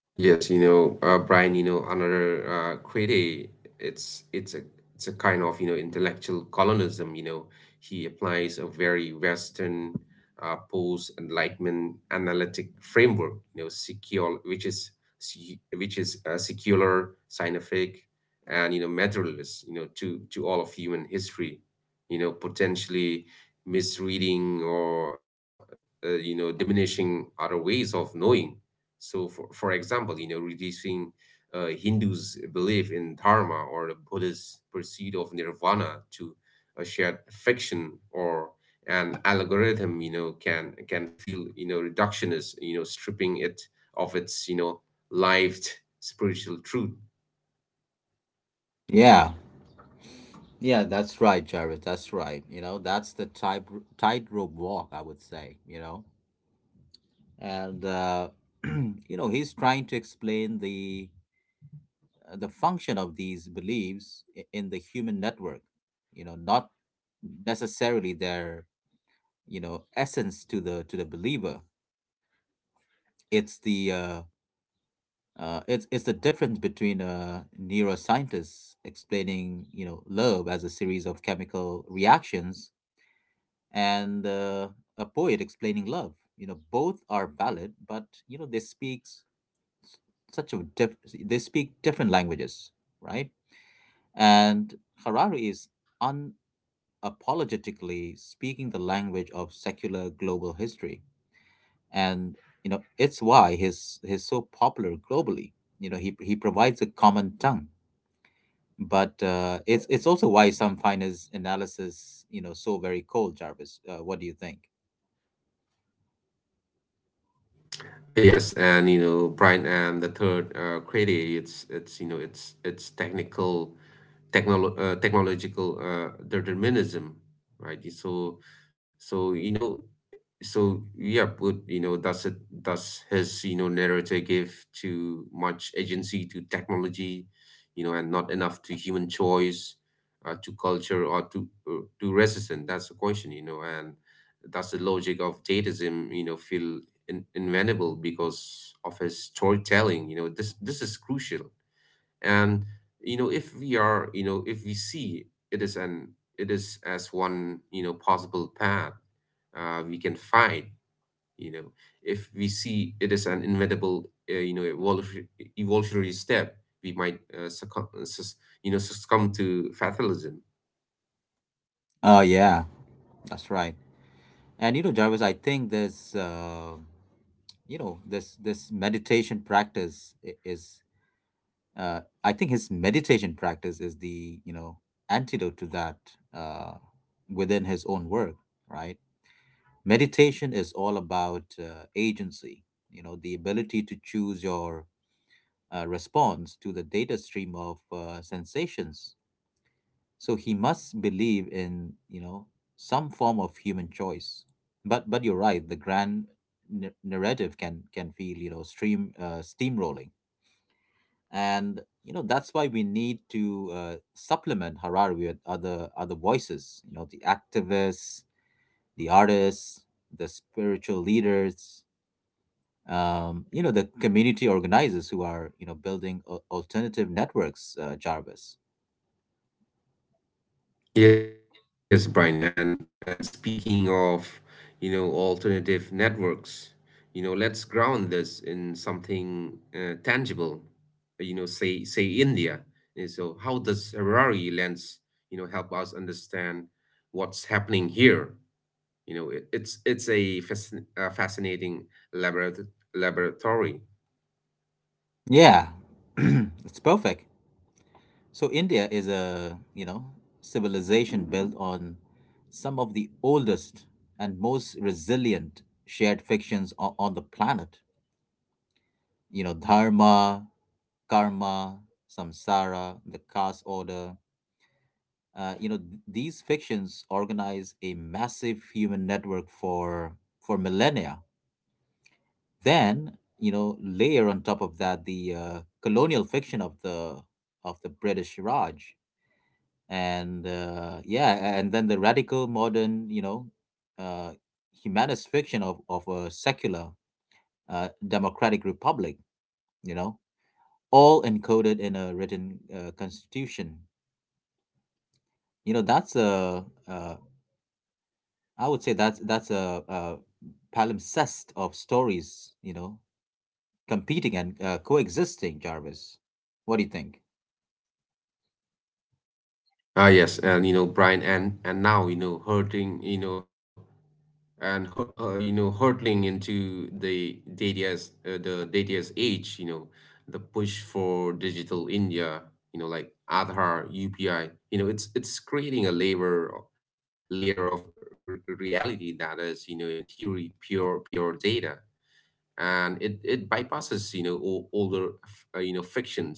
Speaker 1: Yes, you know, Brian, you know, another, credit, it's it's a it's a kind of, you know, intellectual colonialism, you know. He applies a very Western, post-Enlightenment analytic framework, you know, secure, which is se- which is secular, scientific, and you know, materialist, you know, to all of human history, you know, potentially misreading or, you know, diminishing other ways of knowing. So, for example, you know, reducing, Hindus' belief in dharma or the Buddhist pursuit of nirvana to a shared fiction or an algorithm, you know, can feel, you know, reductionist, you know, stripping it of its, you know, lived spiritual truth.
Speaker 2: Yeah. Yeah, that's right, Jared. That's right. You know, that's the type tightrope walk, I would say. You know, and [CLEARS THROAT] you know, he's trying to explain the function of these beliefs, in the human network. You know, not necessarily their, you know, essence to the believer. It's the uh, it's the difference between a neuroscientist explaining, you know, love as a series of chemical reactions, and a poet explaining love. You know, both are valid, but, you know, they speak s- such a diff- they speak different languages, right? And Harari is unapologetically speaking the language of secular global history, and, you know, it's why he's so popular globally. You know, he provides a common tongue, but, it's also why some find his analysis, you know, so very cold. Jarvis, what do you think?
Speaker 1: Yes, and you know, Brian, and the third, Crady, it's you know, it's technical, technolo technological, determinism, right? So, so you know, so yeah, but you know, does his, you know, narrator give too much agency to technology, you know, and not enough to human choice, to culture or to, to resistance? That's the question, you know, and that's the logic of datism, you know, feel invaluable because of his storytelling. You know, this is crucial. And you know, if we are, you know, if we see it is an it is as one, you know, possible path, we can find. You know, if we see it is an inevitable, you know, evolutionary step, we might, you know, succumb to fatalism.
Speaker 2: Oh yeah, that's right. And, you know, Jarvis, I think this, you know, this meditation practice is, I think his meditation practice is the, you know, antidote to that, uh, within his own work, right? Meditation is all about agency, you know, the ability to choose your response to the data stream of, sensations. So he must believe in, you know, some form of human choice. But you're right, the grand narrative can feel, you know, stream steamrolling. And, you know, that's why we need to supplement Harari with other voices, you know, the activists, the artists, the spiritual leaders, you know, the community organizers who are, you know, building alternative networks, Jarvis.
Speaker 1: Yes, Brian, and speaking of, you know, alternative networks, you know, let's ground this in something, tangible. You know, say India. And so, how does Harari lens, you know, help us understand what's happening here? You know, it's a, fascinating laborat laboratory.
Speaker 2: Yeah. [CLEARS THROAT] It's perfect. So India is a, you know, civilization built on some of the oldest and most resilient shared fictions on the planet. You know, dharma, karma, samsara, the caste order. You know, these fictions organize a massive human network for millennia. Then, you know, layer on top of that the colonial fiction of the British Raj and yeah, and then the radical modern, you know, uh, humanist fiction of a secular democratic republic, you know, all encoded in a written constitution. You know, that's a I would say that's a palimpsest of stories, you know, competing and coexisting. Jarvis, what do you think?
Speaker 1: Yes, and you know, Brian, and now you know, hurting, you know, and hur- you know hurtling into the data's age, you know, the push for digital india, you know, like aadhaar upi. You know, it's creating a layer of r- reality that is, you know, in theory, pure data. And it bypasses, you know, older you know, fictions.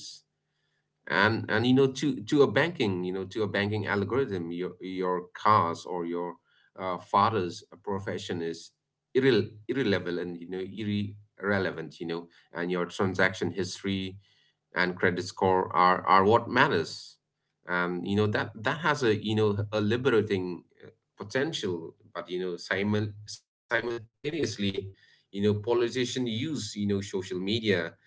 Speaker 1: And you know, to a banking algorithm, your cars or your father's profession is irrelevant, you know. Irrelevant, you know. And your transaction history and credit score are what matters. You know, that has a, you know, a liberating potential, but you know, simultaneously, you know, politicians use, you know, social media,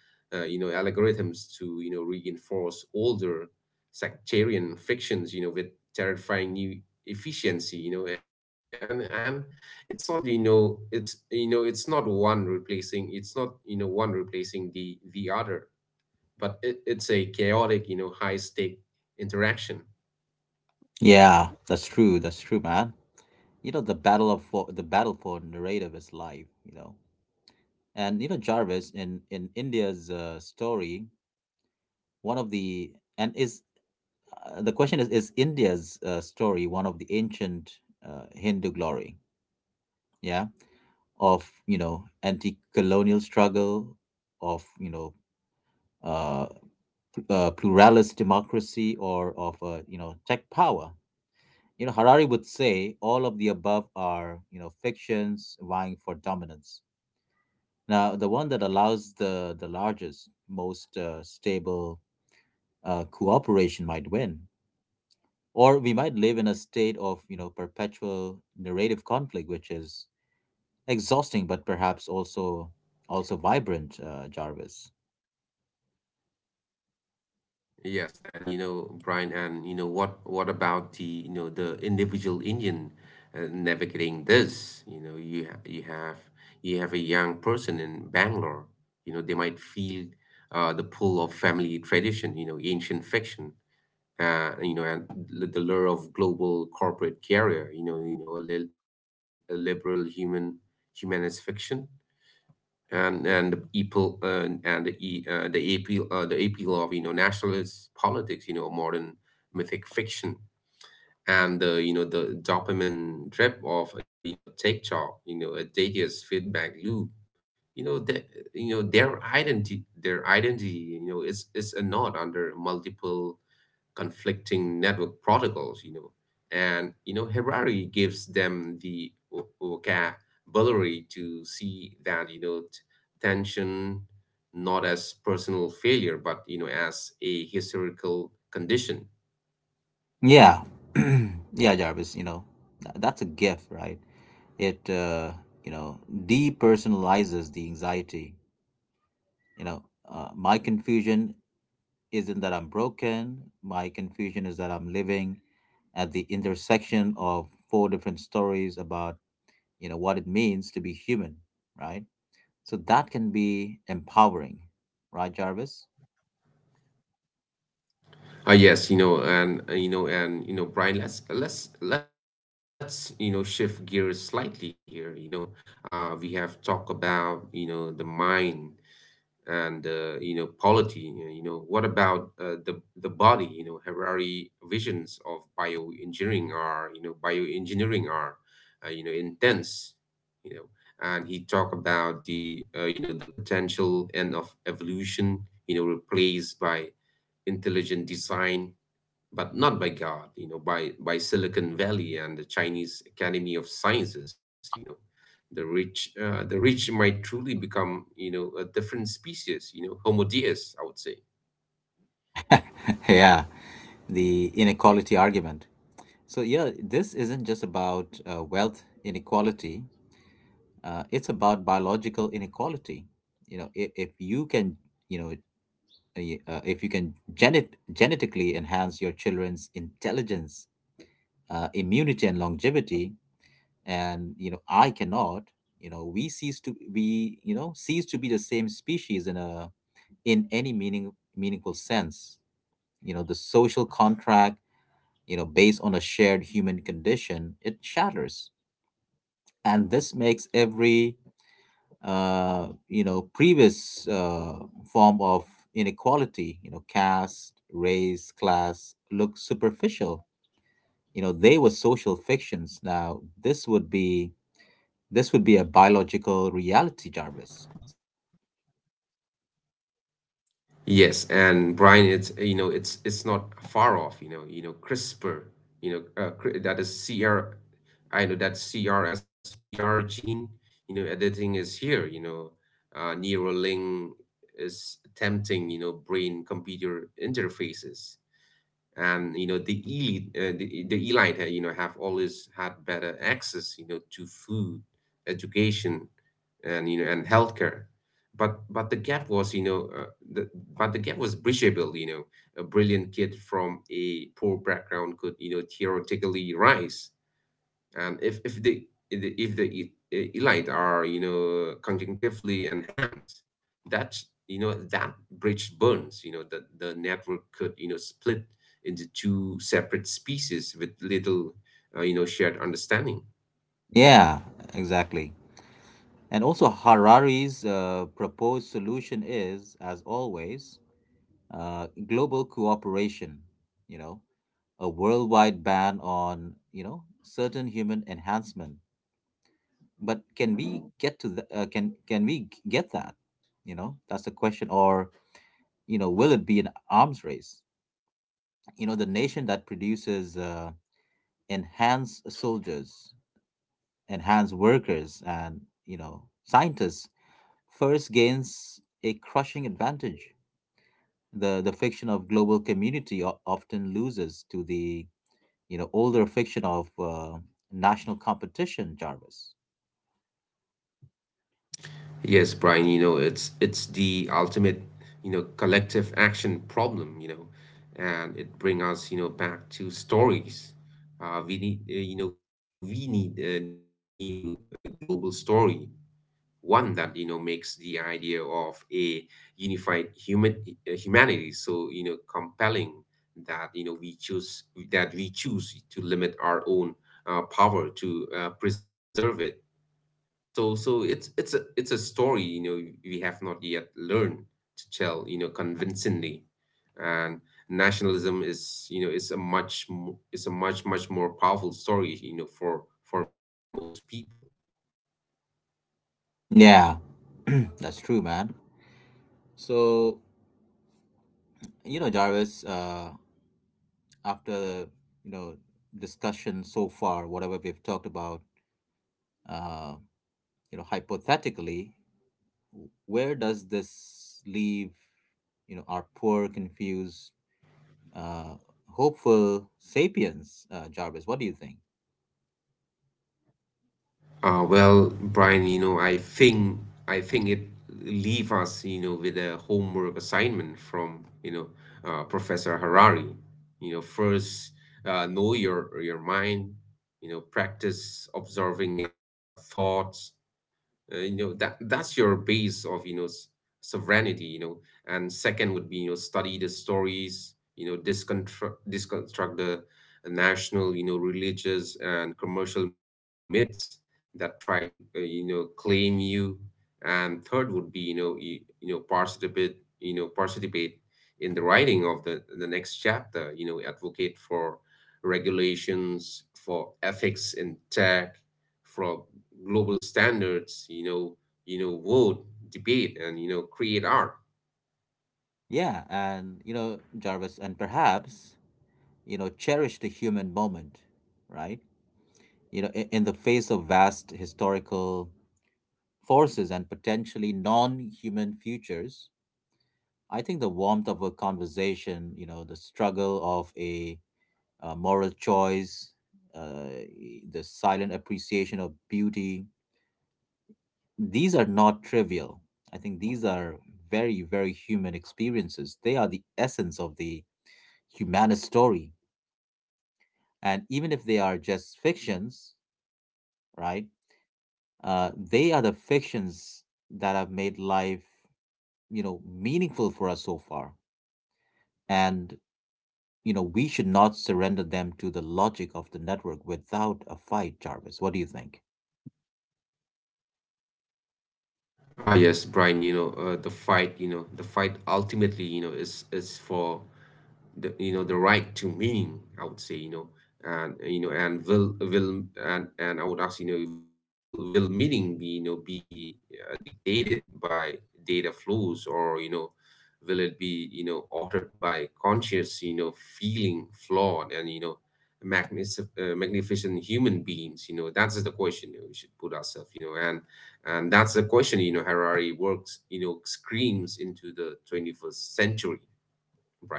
Speaker 1: you know, algorithms to, you know, reinforce older sectarian fictions, you know, with terrifying new efficiency. You know, and it's not, you know, it's you know it's not one replacing it's not you know one replacing the other, but it's a chaotic, you know, high stake interaction.
Speaker 2: Yeah, that's true. That's true, man. You know, the battle for narrative is life. You know, and you know Jarvis in India's story, one of the and is the question is India's story one of the ancient Hindu glory, yeah, of, you know, anti-colonial struggle, of, you know, uh, pluralist democracy, or of, you know, tech power. You know, Harari would say all of the above are, you know, fictions vying for dominance. Now the one that allows the largest, most stable cooperation might win, or we might live in a state of, you know, perpetual narrative conflict, which is exhausting but perhaps also also vibrant, Jarvis.
Speaker 1: Yes, and you know, Brian, and you know what? What about the, you know, the individual Indian, navigating this? You know, you have a young person in Bangalore. You know, they might feel the pull of family tradition. You know, ancient fiction. You know, and the lure of global corporate career. You know, a liberal human humanist fiction. And the people and the e, the appeal of, you know, nationalist politics, you know, modern mythic fiction. And the, you know, the dopamine drip of, you know, TikTok, you know, a tedious feedback loop, you know, that, you know, their identity, you know, is a knot under multiple conflicting network protocols, you know. And, you know, Harari gives them the vocabulary to see that, you know, tension not as personal failure, but, you know, as a historical condition.
Speaker 2: Yeah, [CLEARS THROAT] yeah, Jarvis. You know, that's a gift, right? It You know, depersonalizes the anxiety. You know, my confusion isn't that I'm broken. My confusion is that I'm living at the intersection of four different stories about, you know, what it means to be human, right? So that can be empowering, right, Jarvis?
Speaker 1: Ah, yes, you know, and you know, and You know, Brian, let's you know, shift gears slightly here. You know, we have talked about, you know, the mind, and you know, polity. You know, what about the body? You know, Harari visions of bioengineering are you know, intense. You know, and he talked about the, you know, the potential end of evolution, you know, replaced by intelligent design, but not by God, you know, by Silicon Valley and the Chinese Academy of Sciences, you know. The rich might truly become, you know, a different species, you know, Homo deus, I would say.
Speaker 2: [LAUGHS] Yeah, the inequality argument. So yeah, this isn't just about wealth inequality, it's about biological inequality. You know, if you can, you know, if you can genetically enhance your children's intelligence, immunity and longevity, and you know I cannot, you know, we, you know, cease to be the same species in a, in any meaningful sense. You know, the social contract, you know, based on a shared human condition, it shatters. And this makes every previous form of inequality, you know, caste, race, class, look superficial. You know, they were social fictions. Now this would be, this would be a biological reality, Jarvis.
Speaker 1: Yes, and Brian, it's you know, it's not far off, you know, CRISPR, you know, that is CR, I know that CRSPR gene, you know, editing is here, you know, Neuralink is attempting, you know, brain computer interfaces. And you know, the elite, you know, have always had better access, you know, to food, education, and you know, and healthcare. But the gap was, you know, the, but the gap was bridgeable, you know. A brilliant kid from a poor background could, you know, theoretically rise. And if elite are, you know, conjunctively enhanced, that, you know, that bridge burns, you know. The network could, you know, split into two separate species with little, you know, shared understanding.
Speaker 2: Yeah, exactly. And also, Harari's proposed solution is, as always, global cooperation. You know, a worldwide ban on, you know, certain human enhancement. But can we get to the, can we get that? You know, that's the question. Or, you know, will it be an arms race? You know, the nation that produces enhanced soldiers, enhance workers, and, you know, scientists first gains a crushing advantage. The fiction of global community often loses to the, you know, older fiction of, national competition, Jarvis.
Speaker 1: Yes, Brian, you know, it's the ultimate, you know, collective action problem, you know. And it bring us, you know, back to stories. We need You know, we need a new, global story, one that, you know, makes the idea of a unified human, humanity so, you know, compelling that, you know, we choose that we choose to limit our own, power to, preserve it. So it's a story, you know, we have not yet learned to tell, you know, convincingly. And nationalism is, you know, is a much more powerful story, you know, for most people.
Speaker 2: Yeah, [CLEARS THROAT] that's true, man. So, you know, Jarvis, after, you know, discussion so far, whatever we've talked about, uh, you know, hypothetically, where does this leave, you know, our poor confused, uh, hopeful sapiens? Jarvis, what do you think?
Speaker 1: Well, Brian, you know, I think it leave us, you know, with a homework assignment from, you know, Professor Harari. You know, first, know your mind. You know, practice observing your thoughts, you know, that that's your base of, you know, sovereignty, you know. And second would be, you know, study the stories, you know, disconstruct the national, you know, religious and commercial myths that try to, you know, claim you. And third would be, you know, you know, participate you know, participate in the writing of the next chapter. You know, advocate for regulations, for ethics in tech, for global standards, you know, vote, debate, and you know, create art.
Speaker 2: Yeah, and you know, Jarvis, and perhaps, you know, cherish the human moment, right? You know, in the face of vast historical forces and potentially non-human futures, I think the warmth of a conversation, you know, the struggle of a moral choice, uh, the silent appreciation of beauty. These are not trivial. I think these are very, very human experiences. They are the essence of the humanist story. And even if they are just fictions, right? They are the fictions that have made life, you know, meaningful for us so far. And, you know, we should not surrender them to the logic of the network without a fight, Jarvis. What do you think?
Speaker 1: Yes, Brian. You know, the fight. You know, the fight ultimately, you know, is for the, you know, the right to meaning, I would say, you know. And you know, and will and I would ask, you know, will meaning be, you know, be dictated by data flows, or you know, will it be, you know, altered by conscious, you know, feeling, flawed, and you know, magnificent human beings, you know. That's the question, you know, we should put ourselves, you know, and that's the question, you know, Harari works, you know, screams into the 21st century, Brian.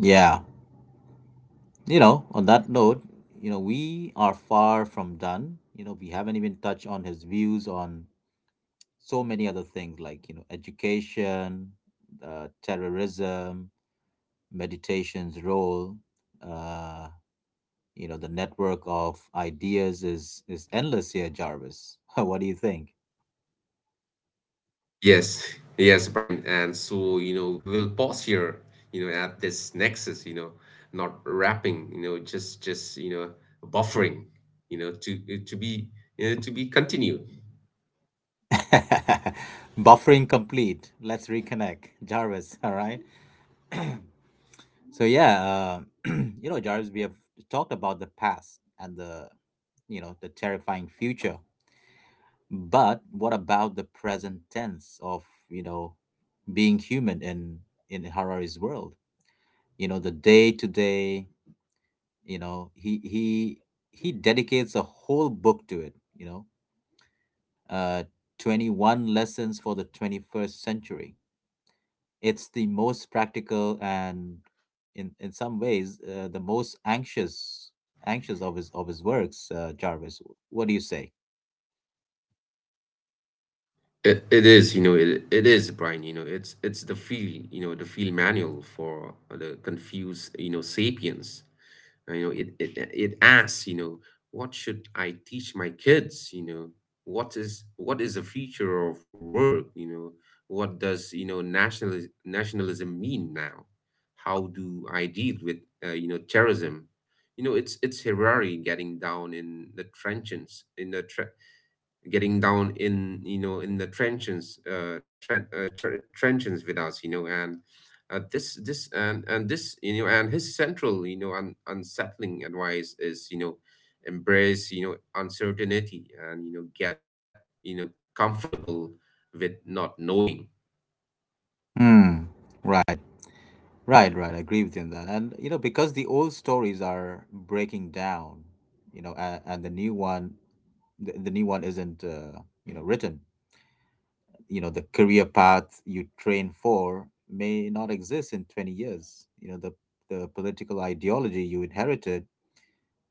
Speaker 2: Yeah. You know, on that note, you know, we are far from done. You know, we haven't even touched on his views on so many other things like, you know, education, terrorism, meditation's role, uh, you know, the network of ideas is endless here, Jarvis. [LAUGHS] What do you think?
Speaker 1: Yes, yes, Brian. And so, you know, we will pause here, you know, at this nexus, you know, not wrapping, you know, you know, buffering, you know, to be, you know, to be continued.
Speaker 2: [LAUGHS] Buffering complete. Let's reconnect. Jarvis, all right? So yeah, [CLEARS THROAT] you know, Jarvis, we have talked about the past and the, you know, the terrifying future. But what about the present tense of, you know, being human in Harari's world? You know, the day to day, you know, he he dedicates a whole book to it, you know. Uh, 21 lessons for the 21st century. It's the most practical and, in some ways, the most anxious of his works. Jarvis, what do you say?
Speaker 1: It, it is, Brian, you know, it's the field, you know, the field manual for the confused, you know, sapiens. You know, it asks, you know, what should I teach my kids? You know, what is the future of work? You know, what does, you know, nationalism mean now? How do I deal with, you know, terrorism? You know, it's Harari getting down in the trenches in the tre getting down in, you know, in the trenches, trenches with us, you know. And this, you know, and his central, you know, unsettling advice is, you know, embrace, you know, uncertainty, and you know, get, you know, comfortable with not knowing.
Speaker 2: Hmm. Right. Right. Right. I agree with you on that. And you know, because the old stories are breaking down, you know, and the new one, the new one isn't, you know, written. You know, the career path you train for may not exist in 20 years. You know, the political ideology you inherited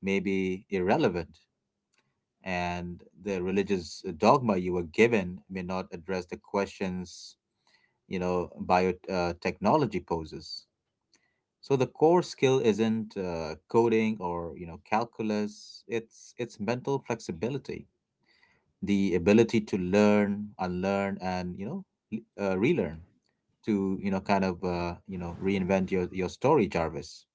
Speaker 2: may be irrelevant. And the religious dogma you were given may not address the questions, you know, biotechnology technology poses. So the core skill isn't coding or, you know, calculus, it's mental flexibility, the ability to learn, unlearn, and, you know, relearn, to, you know, kind of, you know, reinvent your story, Jarvis?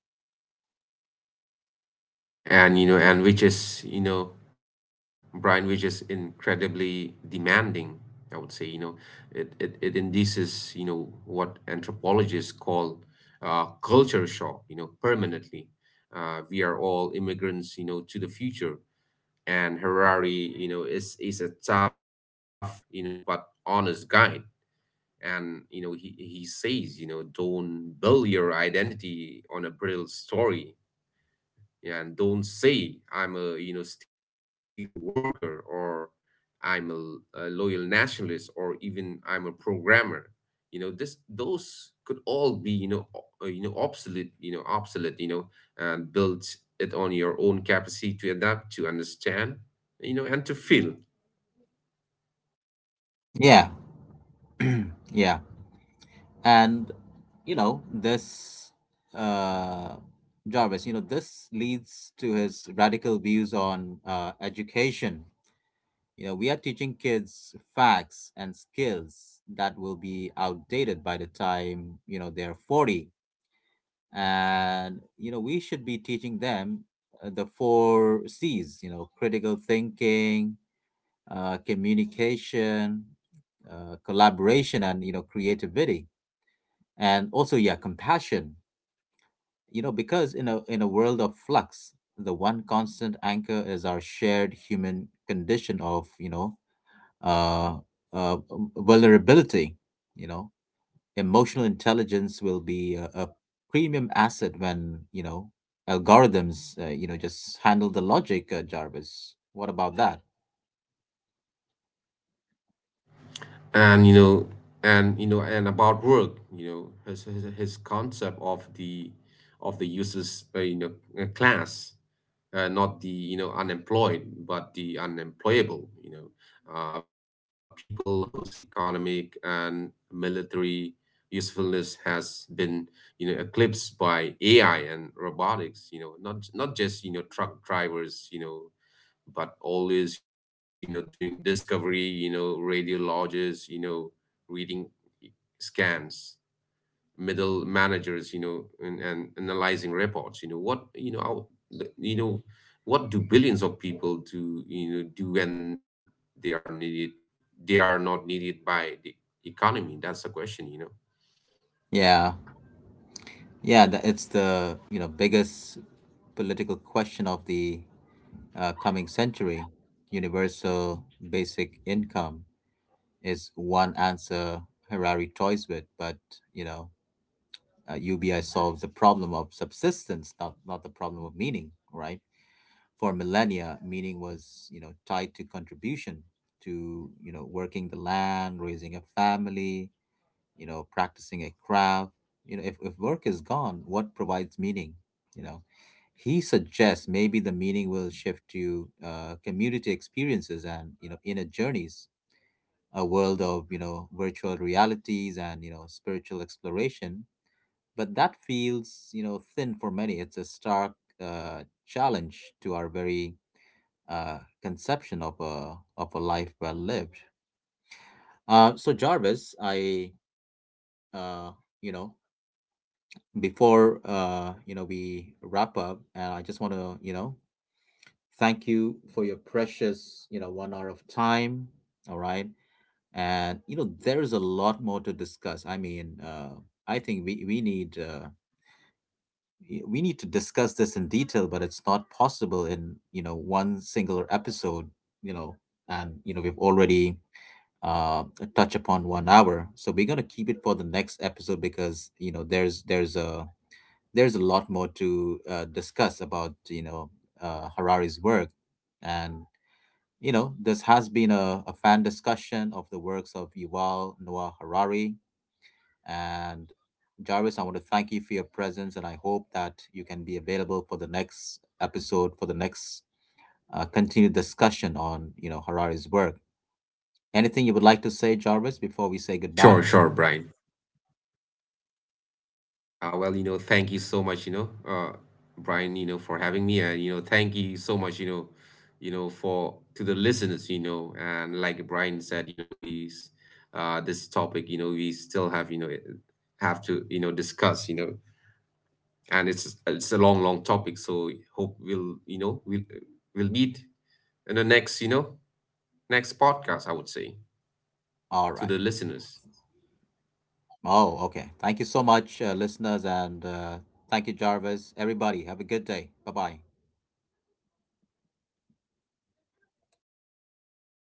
Speaker 1: And you know, and which is, you know, Brian, which is incredibly demanding, I would say, you know. It induces, you know, what anthropologists call, culture shock, you know, permanently. We are all immigrants, you know, to the future. And Harari, you know, is a tough, you know, but honest guy. And you know, he says, you know, don't build your identity on a brittle story. Yeah, and don't say I'm a, you know, steel worker, or I'm a loyal nationalist, or even I'm a programmer. You know, this those could all be, you know, you know, obsolete you know, obsolete, you know. And build it on your own capacity to adapt, to understand, you know, and to feel.
Speaker 2: Yeah, yeah. And you know, this uh Jarvis, you know, this leads to his radical views on, uh, education. You know, we are teaching kids facts and skills that will be outdated by the time, you know, they're 40. And, you know, we should be teaching them, the four C's, you know, critical thinking, communication, collaboration, and, you know, creativity. And also, yeah, compassion, you know, because in a world of flux, the one constant anchor is our shared human condition of, you know, uh, uh, vulnerability. You know, emotional intelligence will be a premium asset when, you know, algorithms, uh, you know, just handle the logic, Jarvis. What about that?
Speaker 1: And you know, and you know and about work, you know, his concept of the useless, you know, class, not the, you know, unemployed but the unemployable, you know. People whose economic and military usefulness has been, you know, eclipsed by AI and robotics, you know. Not just, you know, truck drivers, you know, but always, you know doing discovery you know, radiologists, you know, reading scans, middle managers, you know, and analyzing reports, you know. What, you know, how, the- you know what do billions of people do, you know, do when they are needed they are not needed by the economy? That's the question, you know.
Speaker 2: Yeah, yeah, that it's the, you know, biggest political question of the coming century. Universal basic income is one answer Harari toys with, but, you know, UBI solves the problem of subsistence, not, not the problem of meaning, right? For millennia, meaning was, you know, tied to contribution, to, you know, working the land, raising a family, you know, practicing a craft. You know, if work is gone, what provides meaning? You know, he suggests maybe the meaning will shift to, community experiences and, you know, inner journeys, a world of, you know, virtual realities and, you know, spiritual exploration. But that feels, you know, thin. For many, it's a stark challenge to our very conception of a, of a life well lived. Uh, so Jarvis, I uh, you know, before, you know, we wrap up, and I just want to, you know, thank you for your precious, you know, 1 hour of time. All right. And, you know, there's a lot more to discuss. I mean, I think we need, we need to discuss this in detail, but it's not possible in, you know, one singular episode, you know. And, you know, we've already uh touched upon 1 hour, so we're gonna keep it for the next episode, because, you know, there's a lot more to, discuss about, you know, Harari's work. And, you know, this has been a fan discussion of the works of Yuval Noah Harari. And Jarvis, I want to thank you for your presence, and I hope that you can be available for the next episode, for the next continued discussion on, you know, Harari's work. Anything you would like to say, Jarvis,
Speaker 1: sure
Speaker 2: before we
Speaker 1: sure
Speaker 2: say
Speaker 1: Brian.
Speaker 2: goodbye?
Speaker 1: Well, you know, thank you so much, you know, Brian, you know, for having me, and you know, thank you so much, you know, for to the listeners, you know, and like Brian said, you know, this topic, you know, we still have, you know, have to, you know, discuss, you know, and it's a long, long topic, so hope we'll, you know, we'll meet in the next, you know, next podcast, I would say, to the
Speaker 2: All right.
Speaker 1: listeners.
Speaker 2: Oh, okay. Thank you so much, listeners, and, thank you, Jarvis. Everybody, have a good day. Bye bye.